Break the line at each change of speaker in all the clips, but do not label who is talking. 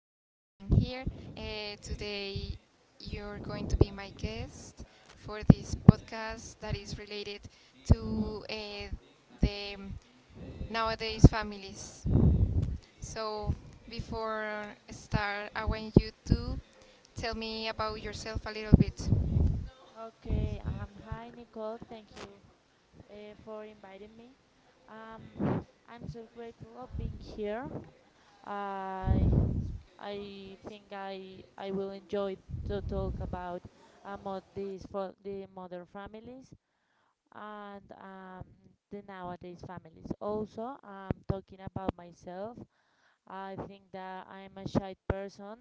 here. Today, you're going to be my guest for this podcast that is related to the nowadays families. So, before I start, I want you to tell me about yourself a little bit.
Okay, Hi Nicole, thank you for inviting me. I'm so grateful of being here. I I think I will enjoy to talk about of these for the modern families and the nowadays families. Also, I'm talking about myself, I think that I'm a shy person.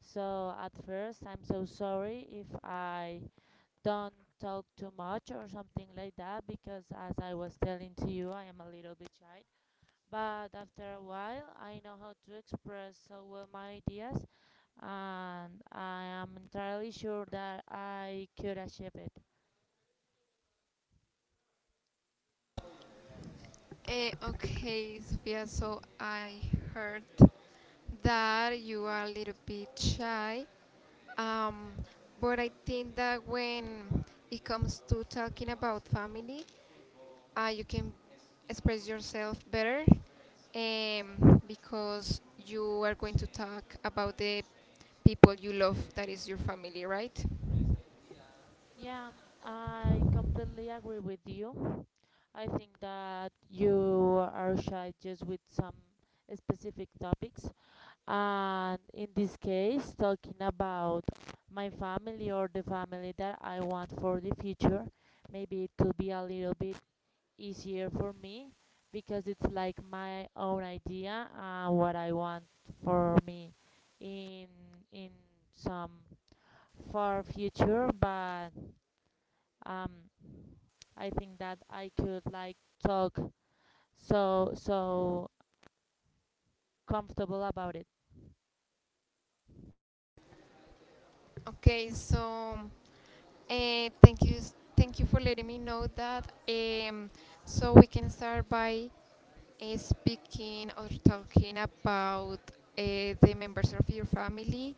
So at first, I'm so sorry if I don't talk too much or something like that because as I was telling to you I am a little bit shy, but after a while I know how to express so well my ideas, and I am entirely sure that I could achieve it.
Okay, Sophia, so I heard that you are a little bit shy. Um, but I think that when it comes to talking about family, you can express yourself better because you are going to talk about the people you love that is your family, right?
Yeah, I completely agree with you. I think that you are shy just with some specific topics. And in this case, talking about my family or the family that I want for the future, maybe it could be a little bit easier for me because it's like my own idea and what I want for me in in some far future. But um, I think that I could like talk so comfortable about it.
Okay, so thank you, thank you for letting me know that. So we can start by speaking or talking about the members of your family,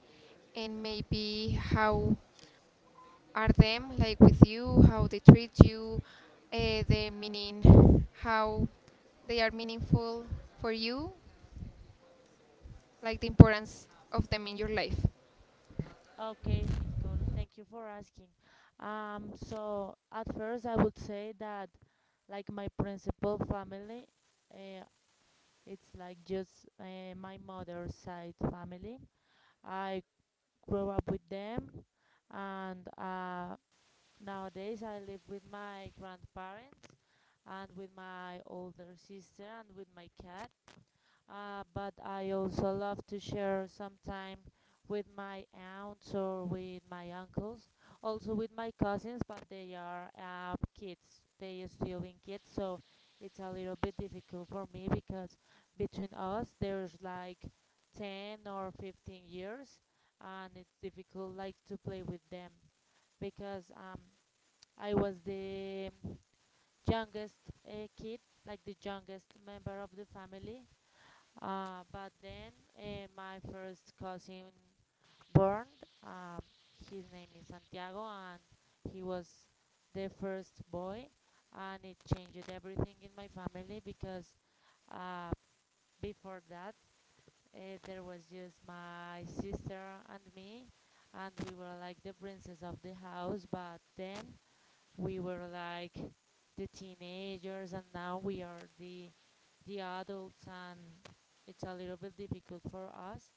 and maybe how are them like with you, how they treat you, the meaning, how they are meaningful for you, like the importance of them in your life.
Okay, Nicole, thank you for asking. So at first I would say that like my principal family, uh, it's like just my mother's side family. I grew up with them, and nowadays I live with my grandparents and with my older sister and with my cat. But I also love to share some time with my aunts or with my uncles, also with my cousins, but they are kids. They are still in kids, so it's a little bit difficult for me because between us there's like 10 or 15 years, and it's difficult like to play with them because I was the youngest kid, like the youngest member of the family, but then my first cousin born. um, his name is Santiago, and he was the first boy, and it changed everything in my family because uh, before that uh, there was just my sister and me, and we were like the princess of the house. But then we were like the teenagers and now we are the adults, and it's a little bit difficult for us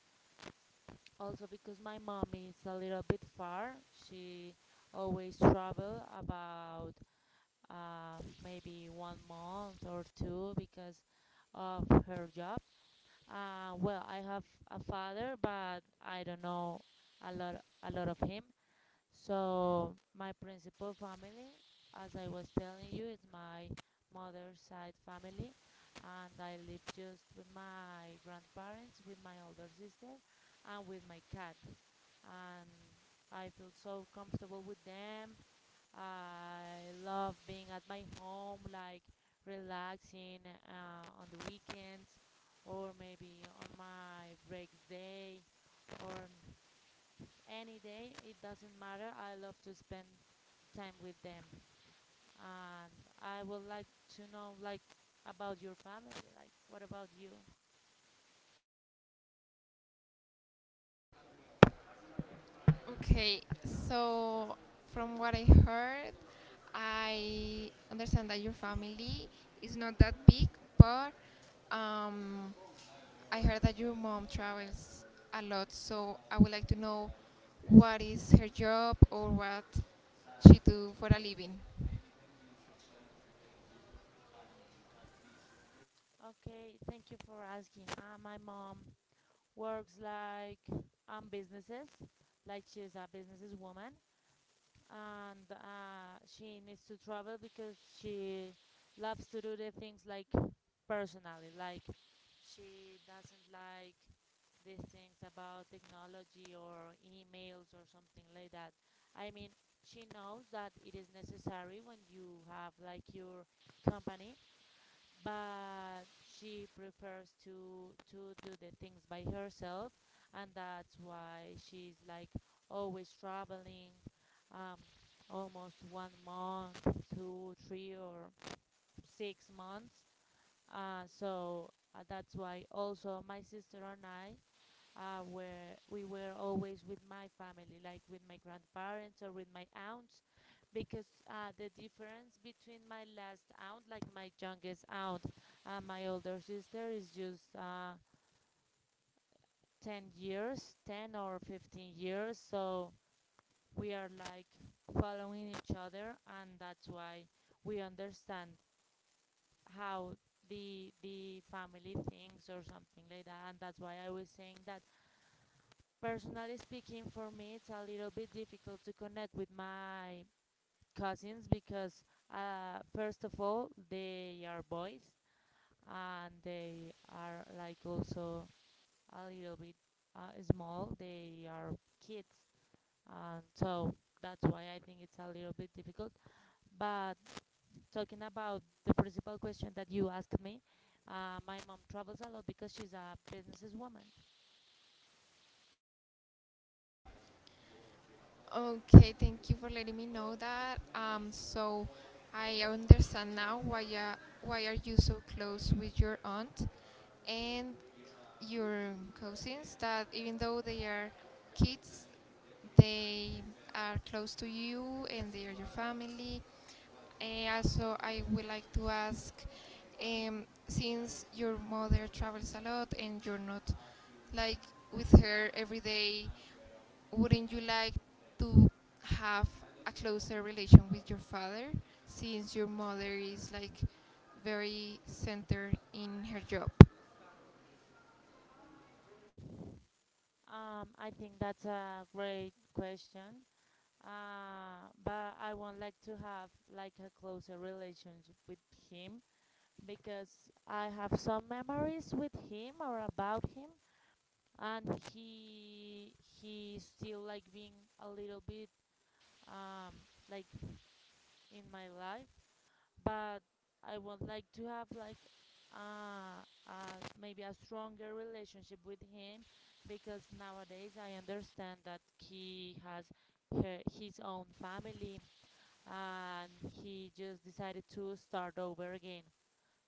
also because my mom is a little bit far. She always travel about maybe 1 month or two because of her job. Well, I have a father but I don't know a lot a lot of him. So my principal family, as I was telling you, is my mother's side family, and I live just with my grandparents, with my older sister, and with my cat. And I feel so comfortable with them. I love being at my home, like relaxing on the weekends, or maybe on my break day, or any day. It doesn't matter. I love to spend time with them, and I would like to know like about your family. Like, what about you?
Okay, so from what I heard, I understand that your family is not that big, but um, I heard that your mom travels a lot. So I would like to know what is her job or what she do for a living.
Okay, thank you for asking. My mom works like on businesses, like she's a businesswoman, and she needs to travel because she loves to do the things like personally. Like she doesn't like these things about technology or emails or something like that. I mean, she knows that it is necessary when you have like your company, but she prefers to do the things by herself, and that's why she's like always traveling um, almost 1 month, 2, 3 or 6 months. So that's why also my sister and I were we were always with my family, like with my grandparents or with my aunts, because the difference between my last aunt, like my youngest aunt, and my older sister is just 10 years, 10 or 15 years. So we are like following each other, and that's why we understand how the family thinks or something like that. And that's why I was saying that personally speaking, for me it's a little bit difficult to connect with my cousins because first of all they are boys, and they are like also a little bit small. They are kids, and so that's why I think it's a little bit difficult. But talking about the principal question that you asked me, my mom travels a lot because she's a businesswoman.
Okay, thank you for letting me know that. So I understand now why are you so close with your aunt and your cousins that even though they are kids, they are close to you and they are your family. Also, I would like to ask since your mother travels a lot and you're not like with her every day, wouldn't you like to have a closer relation with your father since your mother is like very centered in her job?
I think that's a great question, but I would like to have like a closer relationship with him because I have some memories with him or about him, and he still like being a little bit um, like in my life. But I would like to have like maybe a stronger relationship with him because nowadays I understand that he has her, his own family, and he just decided to start over again.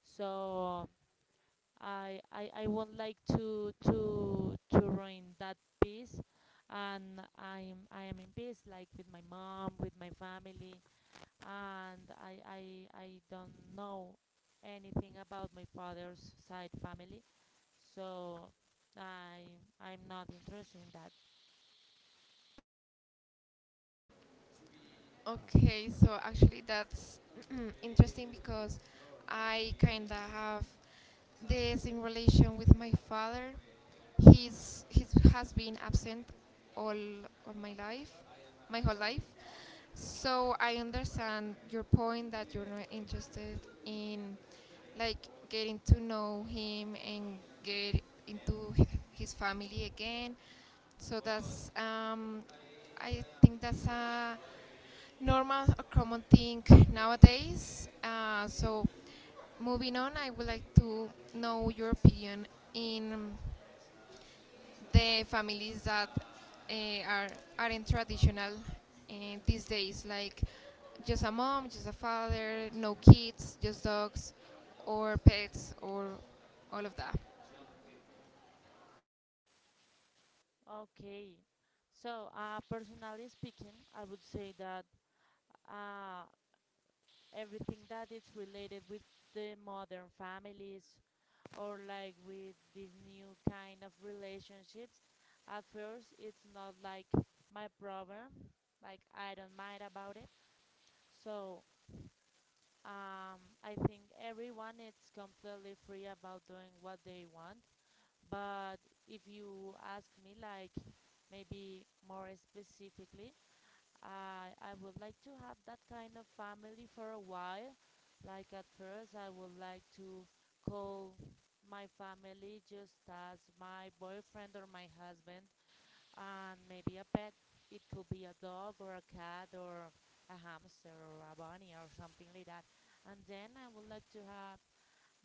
So I won't like to ruin that peace, and I am in peace, like with my mom, with my family, and I don't know anything about my father's side family, so I I'm not interested in that.
Okay, so actually that's interesting because I kinda have this in relation with my father. He has been absent all all my life, my whole life. So I understand your point that you're not interested in like getting to know him and get into his family again. So that's I think that's a normal, a common thing nowadays. So moving on, I would like to know your opinion in the families that uh, are aren't traditional uh, these days, like just a mom, just a father, no kids, just dogs, or pets, or all of that.
Okay, so personally speaking, I would say that uh, everything that is related with the modern families or like with this new kind of relationships, at first it's not like my problem. Like I don't mind about it. So I think everyone is completely free about doing what they want, but if you ask me, like maybe more specifically, I would like to have that kind of family for a while. Like at first, I would like to call my family just as my boyfriend or my husband, and maybe a pet. It could be a dog or a cat or a hamster or a bunny or something like that. And then I would like to have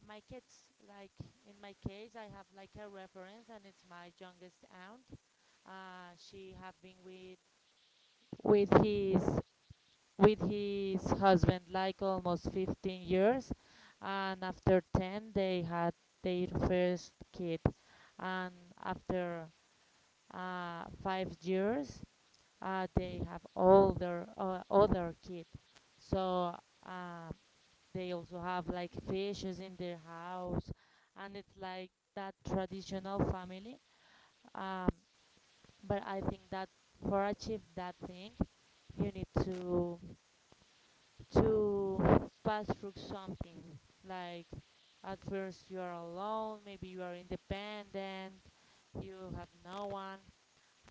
my kids. Like in my case, I have like a reference, and it's my youngest aunt. She have been with with his with his husband like almost 15 years, and after 10 they had their first kid, and after 5 years, they have older other kids. So um, they also have like fishes in their house, and it's like that traditional family. Um, but I think that for achieve that thing, you need to pass through something. Like at first you are alone, maybe you are independent, you have no one.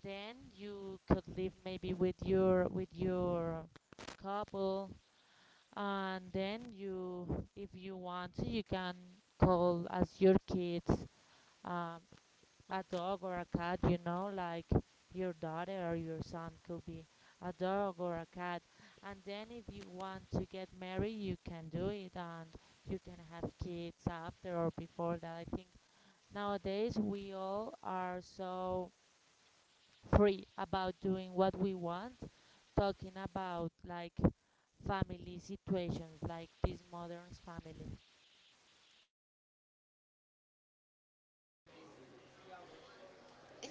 Then you could live maybe with your couple, and then you, if you want to, you can call as your kids. Um, a dog or a cat, you know, like your daughter or your son could be a dog or a cat. And then if you want to get married, you can do it and you can have kids after or before that. I think nowadays we all are so free about doing what we want, talking about like family situations, like this modern family.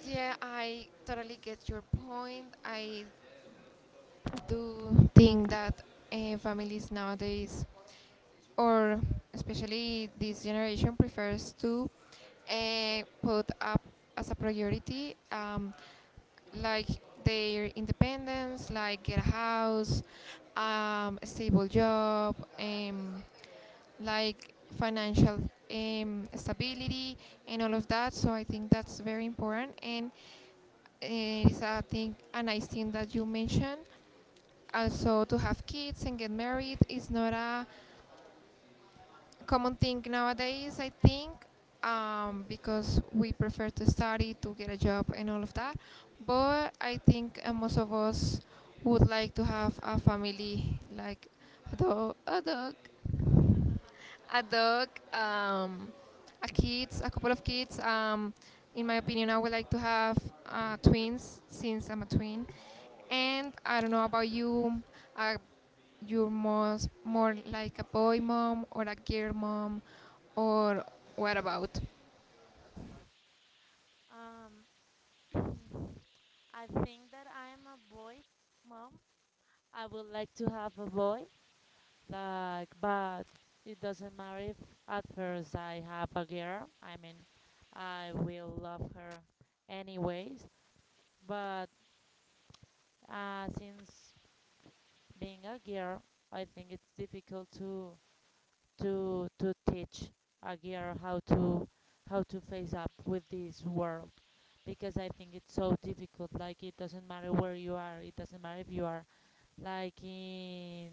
Yeah, I totally get your point. I do think that families nowadays, or especially this generation, prefers to put up as a priority, like their independence, like get a house, a stable job, like financial stability, and all of that. So I think that's very important, and it's a thing, a nice thing that you mentioned. Also, to have kids and get married is not a common thing nowadays, I think, because we prefer to study, to get a job, and all of that. But I think most of us would like to have a family, like a dog, a dog, a kids, a couple of kids. In my opinion, I would like to have twins since I'm a twin. And I don't know about you. Are you most more like a boy mom or a girl mom? Or what about?
Um, I think that I am a boy mom. I would like to have a boy, like, but it doesn't matter if at first I have a girl. I mean, I will love her anyways, but since being a girl, I think it's difficult to teach a girl how to face up with this world because I think it's so difficult. Like it doesn't matter where you are. It doesn't matter if you are like in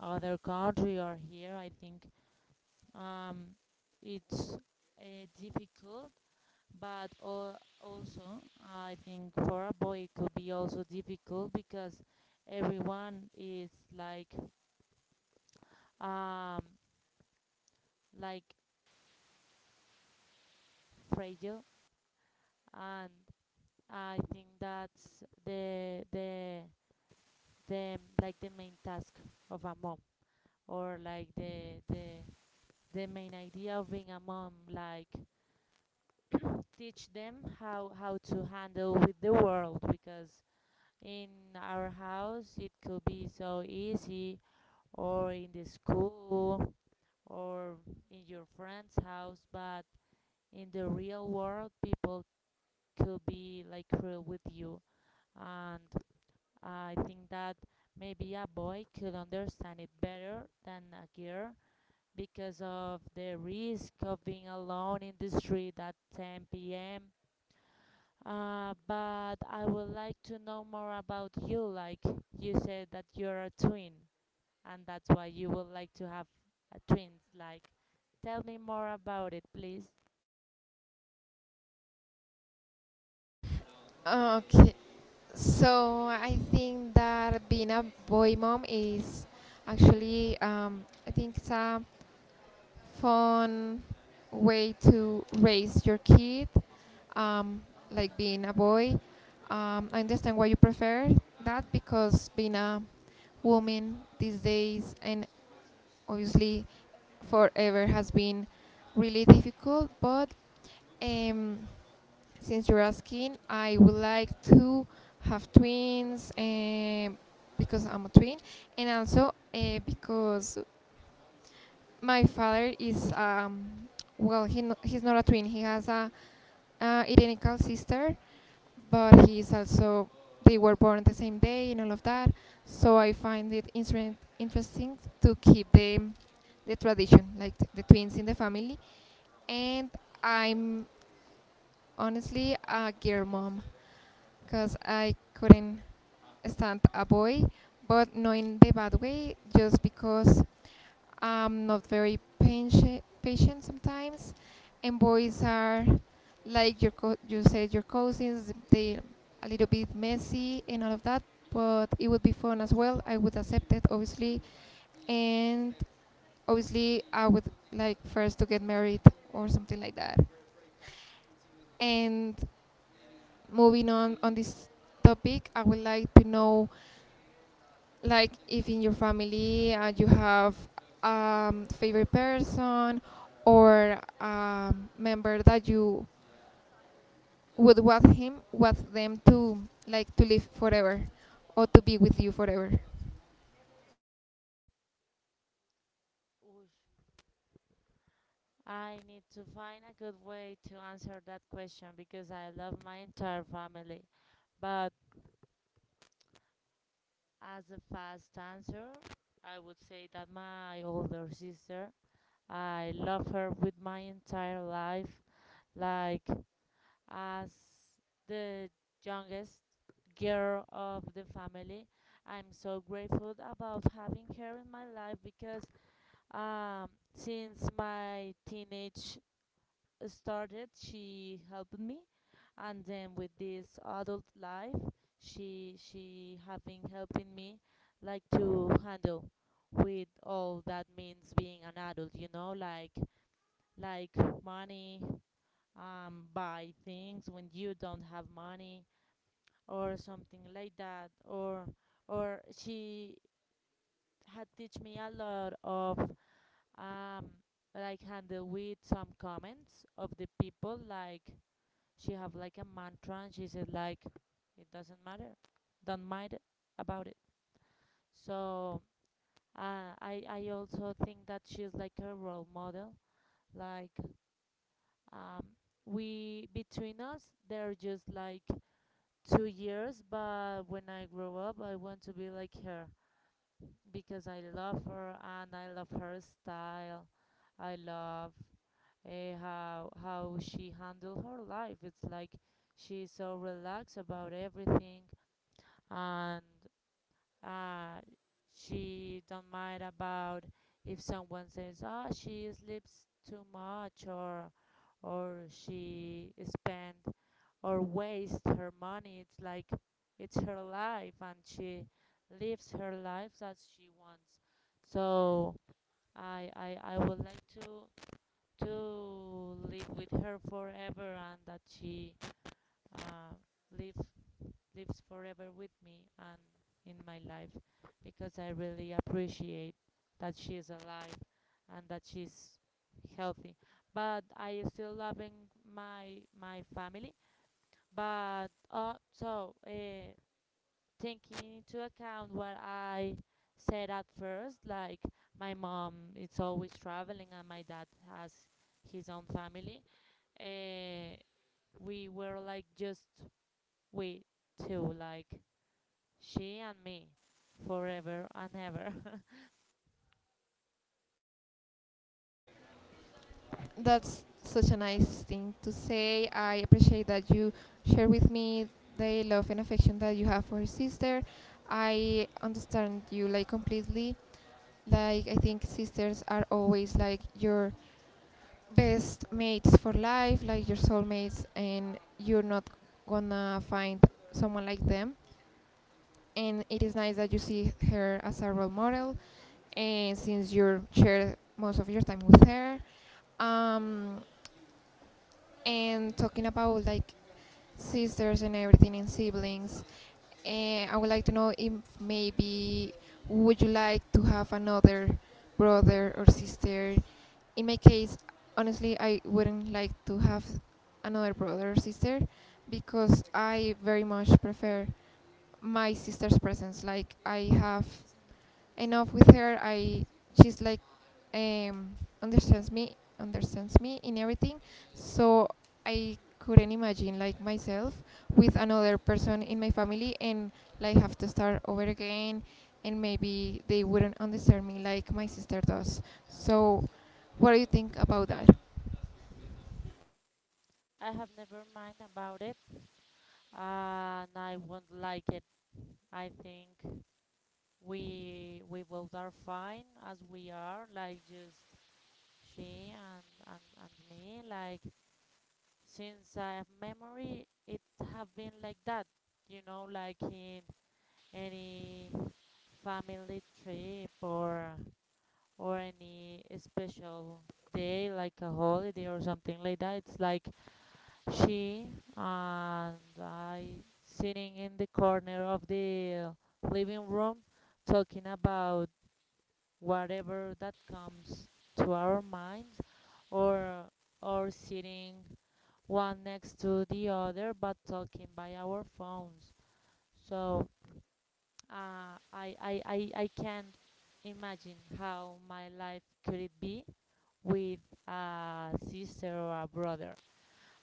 other country or here. I think um, it's difficult, but also I think for a boy it could be also difficult because everyone is like um, like fragile, and I think that's the like the main task of a mom, or like the the main idea of being a mom, like teach them how to handle with the world because in our house it could be so easy, or in the school, or in your friend's house, but in the real world people could be like cruel with you. And I think that maybe a boy could understand it better than a girl because of the risk of being alone in the street at 10 p.m. But I would like to know more about you. Like you said that you're a twin, and that's why you would like to have a twins. Like, tell me more about it, please.
Okay, so I think that being a boy mom is actually, I think it's a fun way to raise your kid, um, like being a boy. I understand why you prefer that because being a woman these days and obviously forever has been really difficult, but um, since you're asking, I would like to have twins because I'm a twin, and also because my father is well, he's not a twin. He has a identical sister, but he is also they were born on the same day and all of that. So I find it interesting to keep the tradition, like the twins in the family. And I'm honestly a girl mom, because I couldn't stand a boy, but not in the bad way, just because I'm not very patient sometimes, and boys are like your you said your cousins, they a little bit messy and all of that, but it would be fun as well. I would accept it obviously, and obviously I would like first to get married or something like that. And moving on this topic, I would like to know, like if in your family you have favorite person or member that you would want him want them to like to live forever or to be with you forever.
I need to find a good way to answer that question because I love my entire family. But as a fast answer, I would say that my older sister, I love her with my entire life, like as the youngest girl of the family. I'm so grateful about having her in my life because um, since my teenage started, she helped me, and then with this adult life, she have been helping me like to handle with all that means being an adult. You know, like like money, buy things when you don't have money or something like that, or she had teach me a lot of um, like handle with some comments of the people, like she have like a mantra and she said like it doesn't matter. Don't mind about it. So I also think that she's like a role model. Like, um, we, between us they're just like 2 years, but when I grow up I want to be like her, because I love her and I love her style. I love, how she handled her life. It's like she's so relaxed about everything, and uh, she don't mind about if someone says ah she sleeps too much, or she spend or waste her money. It's like it's her life and she lives her life as she wants. So I would like to live with her forever and that she uh, live lives forever with me and in my life, because I really appreciate that she is alive and that she's healthy. But I still loving my family. But so, taking into account what I said at first, like, my mom is always traveling and my dad has his own family. Uh, we were like just we two, like she and me, forever and ever.
That's such a nice thing to say. I appreciate that you share with me the love and affection that you have for your sister. I understand you like completely. Like I think sisters are always like your best mates for life, like your soulmates, and you're not gonna find someone like them. And it is nice that you see her as a role model, and since you share most of your time with her. Um, and talking about like sisters and everything and siblings, and I would like to know if maybe would you like to have another brother or sister? In my case, honestly, I wouldn't like to have another brother or sister because I very much prefer my sister's presence. Like I have enough with her. I She's like um, understands me in everything. So I couldn't imagine like myself with another person in my family and like have to start over again and maybe they wouldn't understand me like my sister does. So what do you think about that?
I have never mind about it, and I won't like it. I think we both are fine as we are, like just she and me. Like since I have memory, it have been like that. You know, like in any family trip or any special day like a holiday or something like that, it's like she and I sitting in the corner of the living room talking about whatever that comes to our minds, or or sitting one next to the other but talking by our phones. So I can't imagine how my life could it be with a sister or a brother.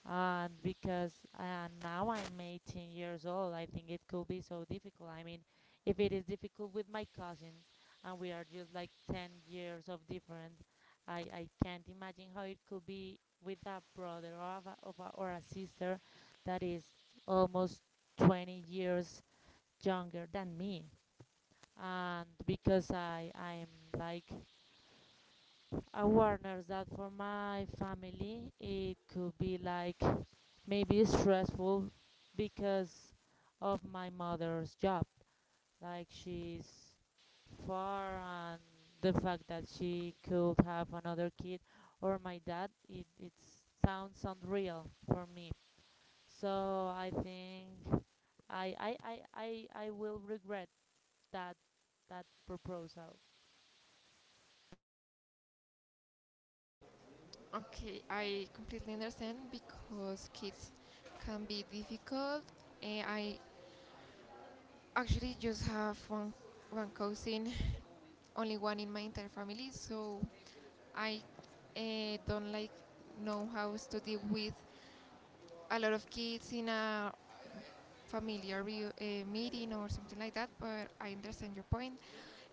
And because now I'm 18 years old, I think it could be so difficult. I mean, if it is difficult with my cousins, and we are just like 10 years of difference, I can't imagine how it could be with a brother or, of a, or a sister that is almost 20 years younger than me. And because I'm like awareness that for my family it could be like maybe stressful because of my mother's job. Like she's far, and the fact that she could have another kid or my dad, it sounds unreal for me. So I think I will regret that that proposal.
Okay, I completely understand because kids can be difficult. I actually just have one cousin, only one in my entire family, so I don't like know how to deal with a lot of kids in a familiar meeting or something like that. But I understand your point,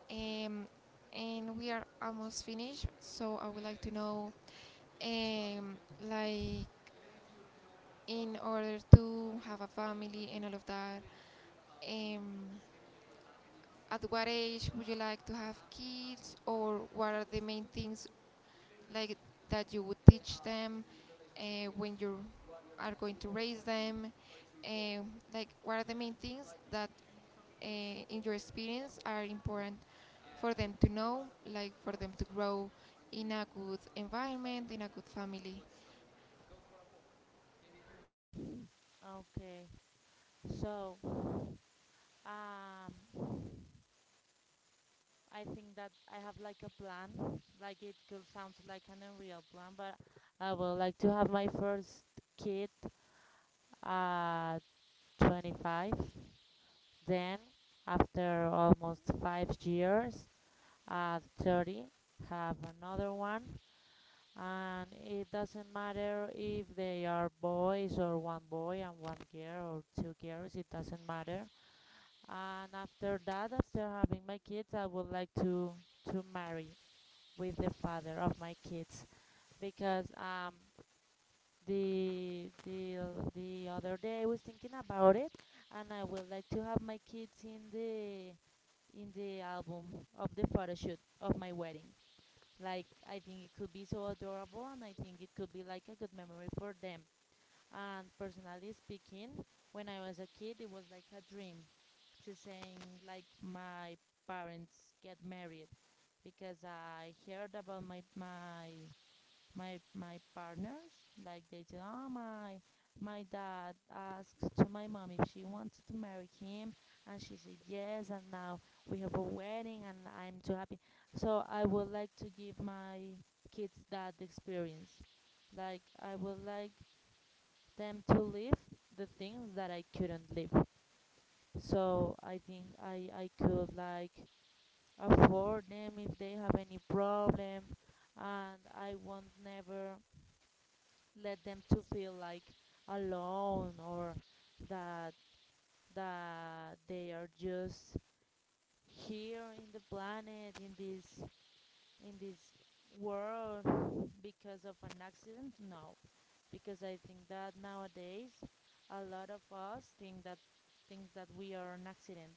um, and we are almost finished. So I would like to know, um, like in order to have a family and all of that, um, at what age would you like to have kids, or what are the main things like that you would teach them when you are going to raise them? Uh, like, what are the main things that, uh, in your experience, are important for them to know, like for them to grow in a good environment, in a good family?
Okay. So, um, I think that I have like a plan. Like it could sound like an unreal plan, but I would like to have my first kid at 25. Then, after almost 5 years, at 30, have another one. And it doesn't matter if they are boys or one boy and one girl or two girls, it doesn't matter. And after that, after having my kids, I would like to marry with the father of my kids, because the the the other day I was thinking about it, and I would like to have my kids in the album of the photo shoot of my wedding. Like I think it could be so adorable and I think it could be like a good memory for them. And personally speaking, when I was a kid, it was like a dream to seeing like my parents get married, because I heard about my partners, like they said, oh, my dad asked to my mom if she wanted to marry him and she said yes and now we have a wedding and I'm too happy. So I would like to give my kids that experience. Like I would like them to live the things that I couldn't live. So I think I could like afford them if they have any problem, and I won't never let them to feel like alone or that that they are just here in the planet in this world because of an accident. No, because I think that nowadays a lot of us think that thinks that we are an accident.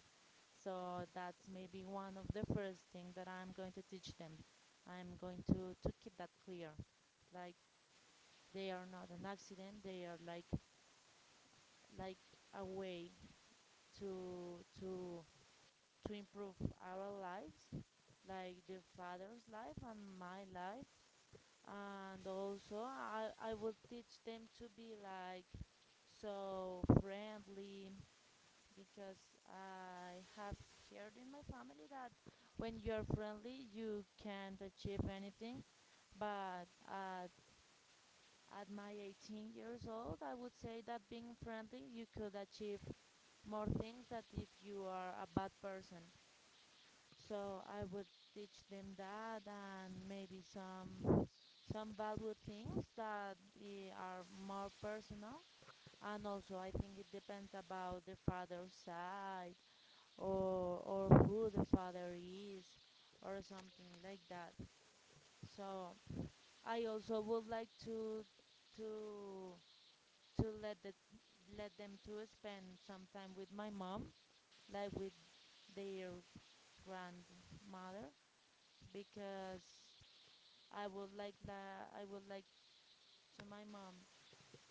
So that's maybe one of the first things that I'm going to teach them. I'm going to keep that clear, like they are not an accident. They are like like a way to to to improve our lives, like the father's life and my life. And also, I would teach them to be like so friendly, because I have heard in my family that when you're friendly, you can't achieve anything. But at my 18 years old, I would say that being friendly, you could achieve more things than if you are a bad person. So I would teach them that, and maybe some valuable things that are more personal. And also, I think it depends about the father's side or who the father is or something like that. So I also would like to to let the let them to spend some time with my mom, like with their grandmother, because I would like to my mom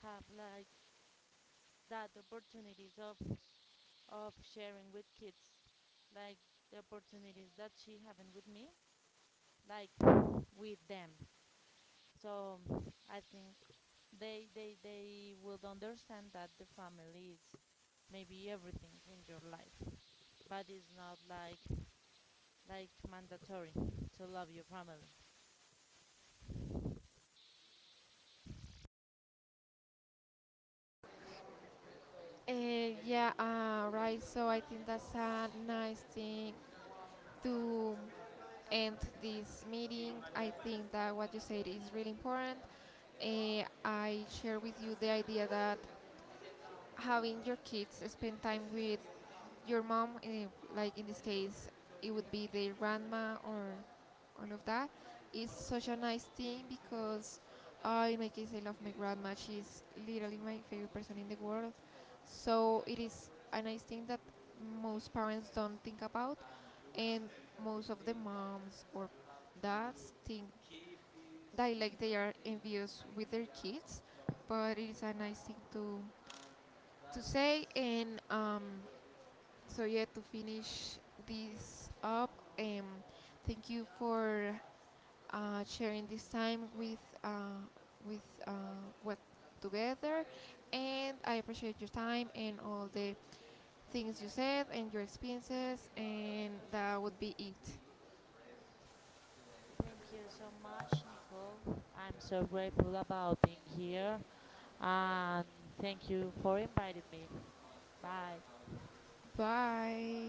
have like that opportunities of sharing with kids, like the opportunities that she having with me, like with them. So I think they would understand that the family is maybe everything in your life, but it's not like mandatory to love your family.
Yeah, right. So I think that's a nice thing to end this meeting. I think that what you said is really important. I share with you the idea that having your kids spend time with your mom, like in this case, it would be their grandma or all of that, is such a nice thing because in my case, I love my grandma. She's literally my favorite person in the world. So it is a nice thing that most parents don't think about, and most of the moms or dads think that like they are envious with their kids, but it is a nice thing to say. And so yeah, to finish this up, um thank you for sharing this time uh, with what together, and I appreciate your time and all the things you said and your experiences, and that would be it.
Thank you so much, Nicole. I'm so grateful about being here, and thank you for inviting me. Bye.
Bye.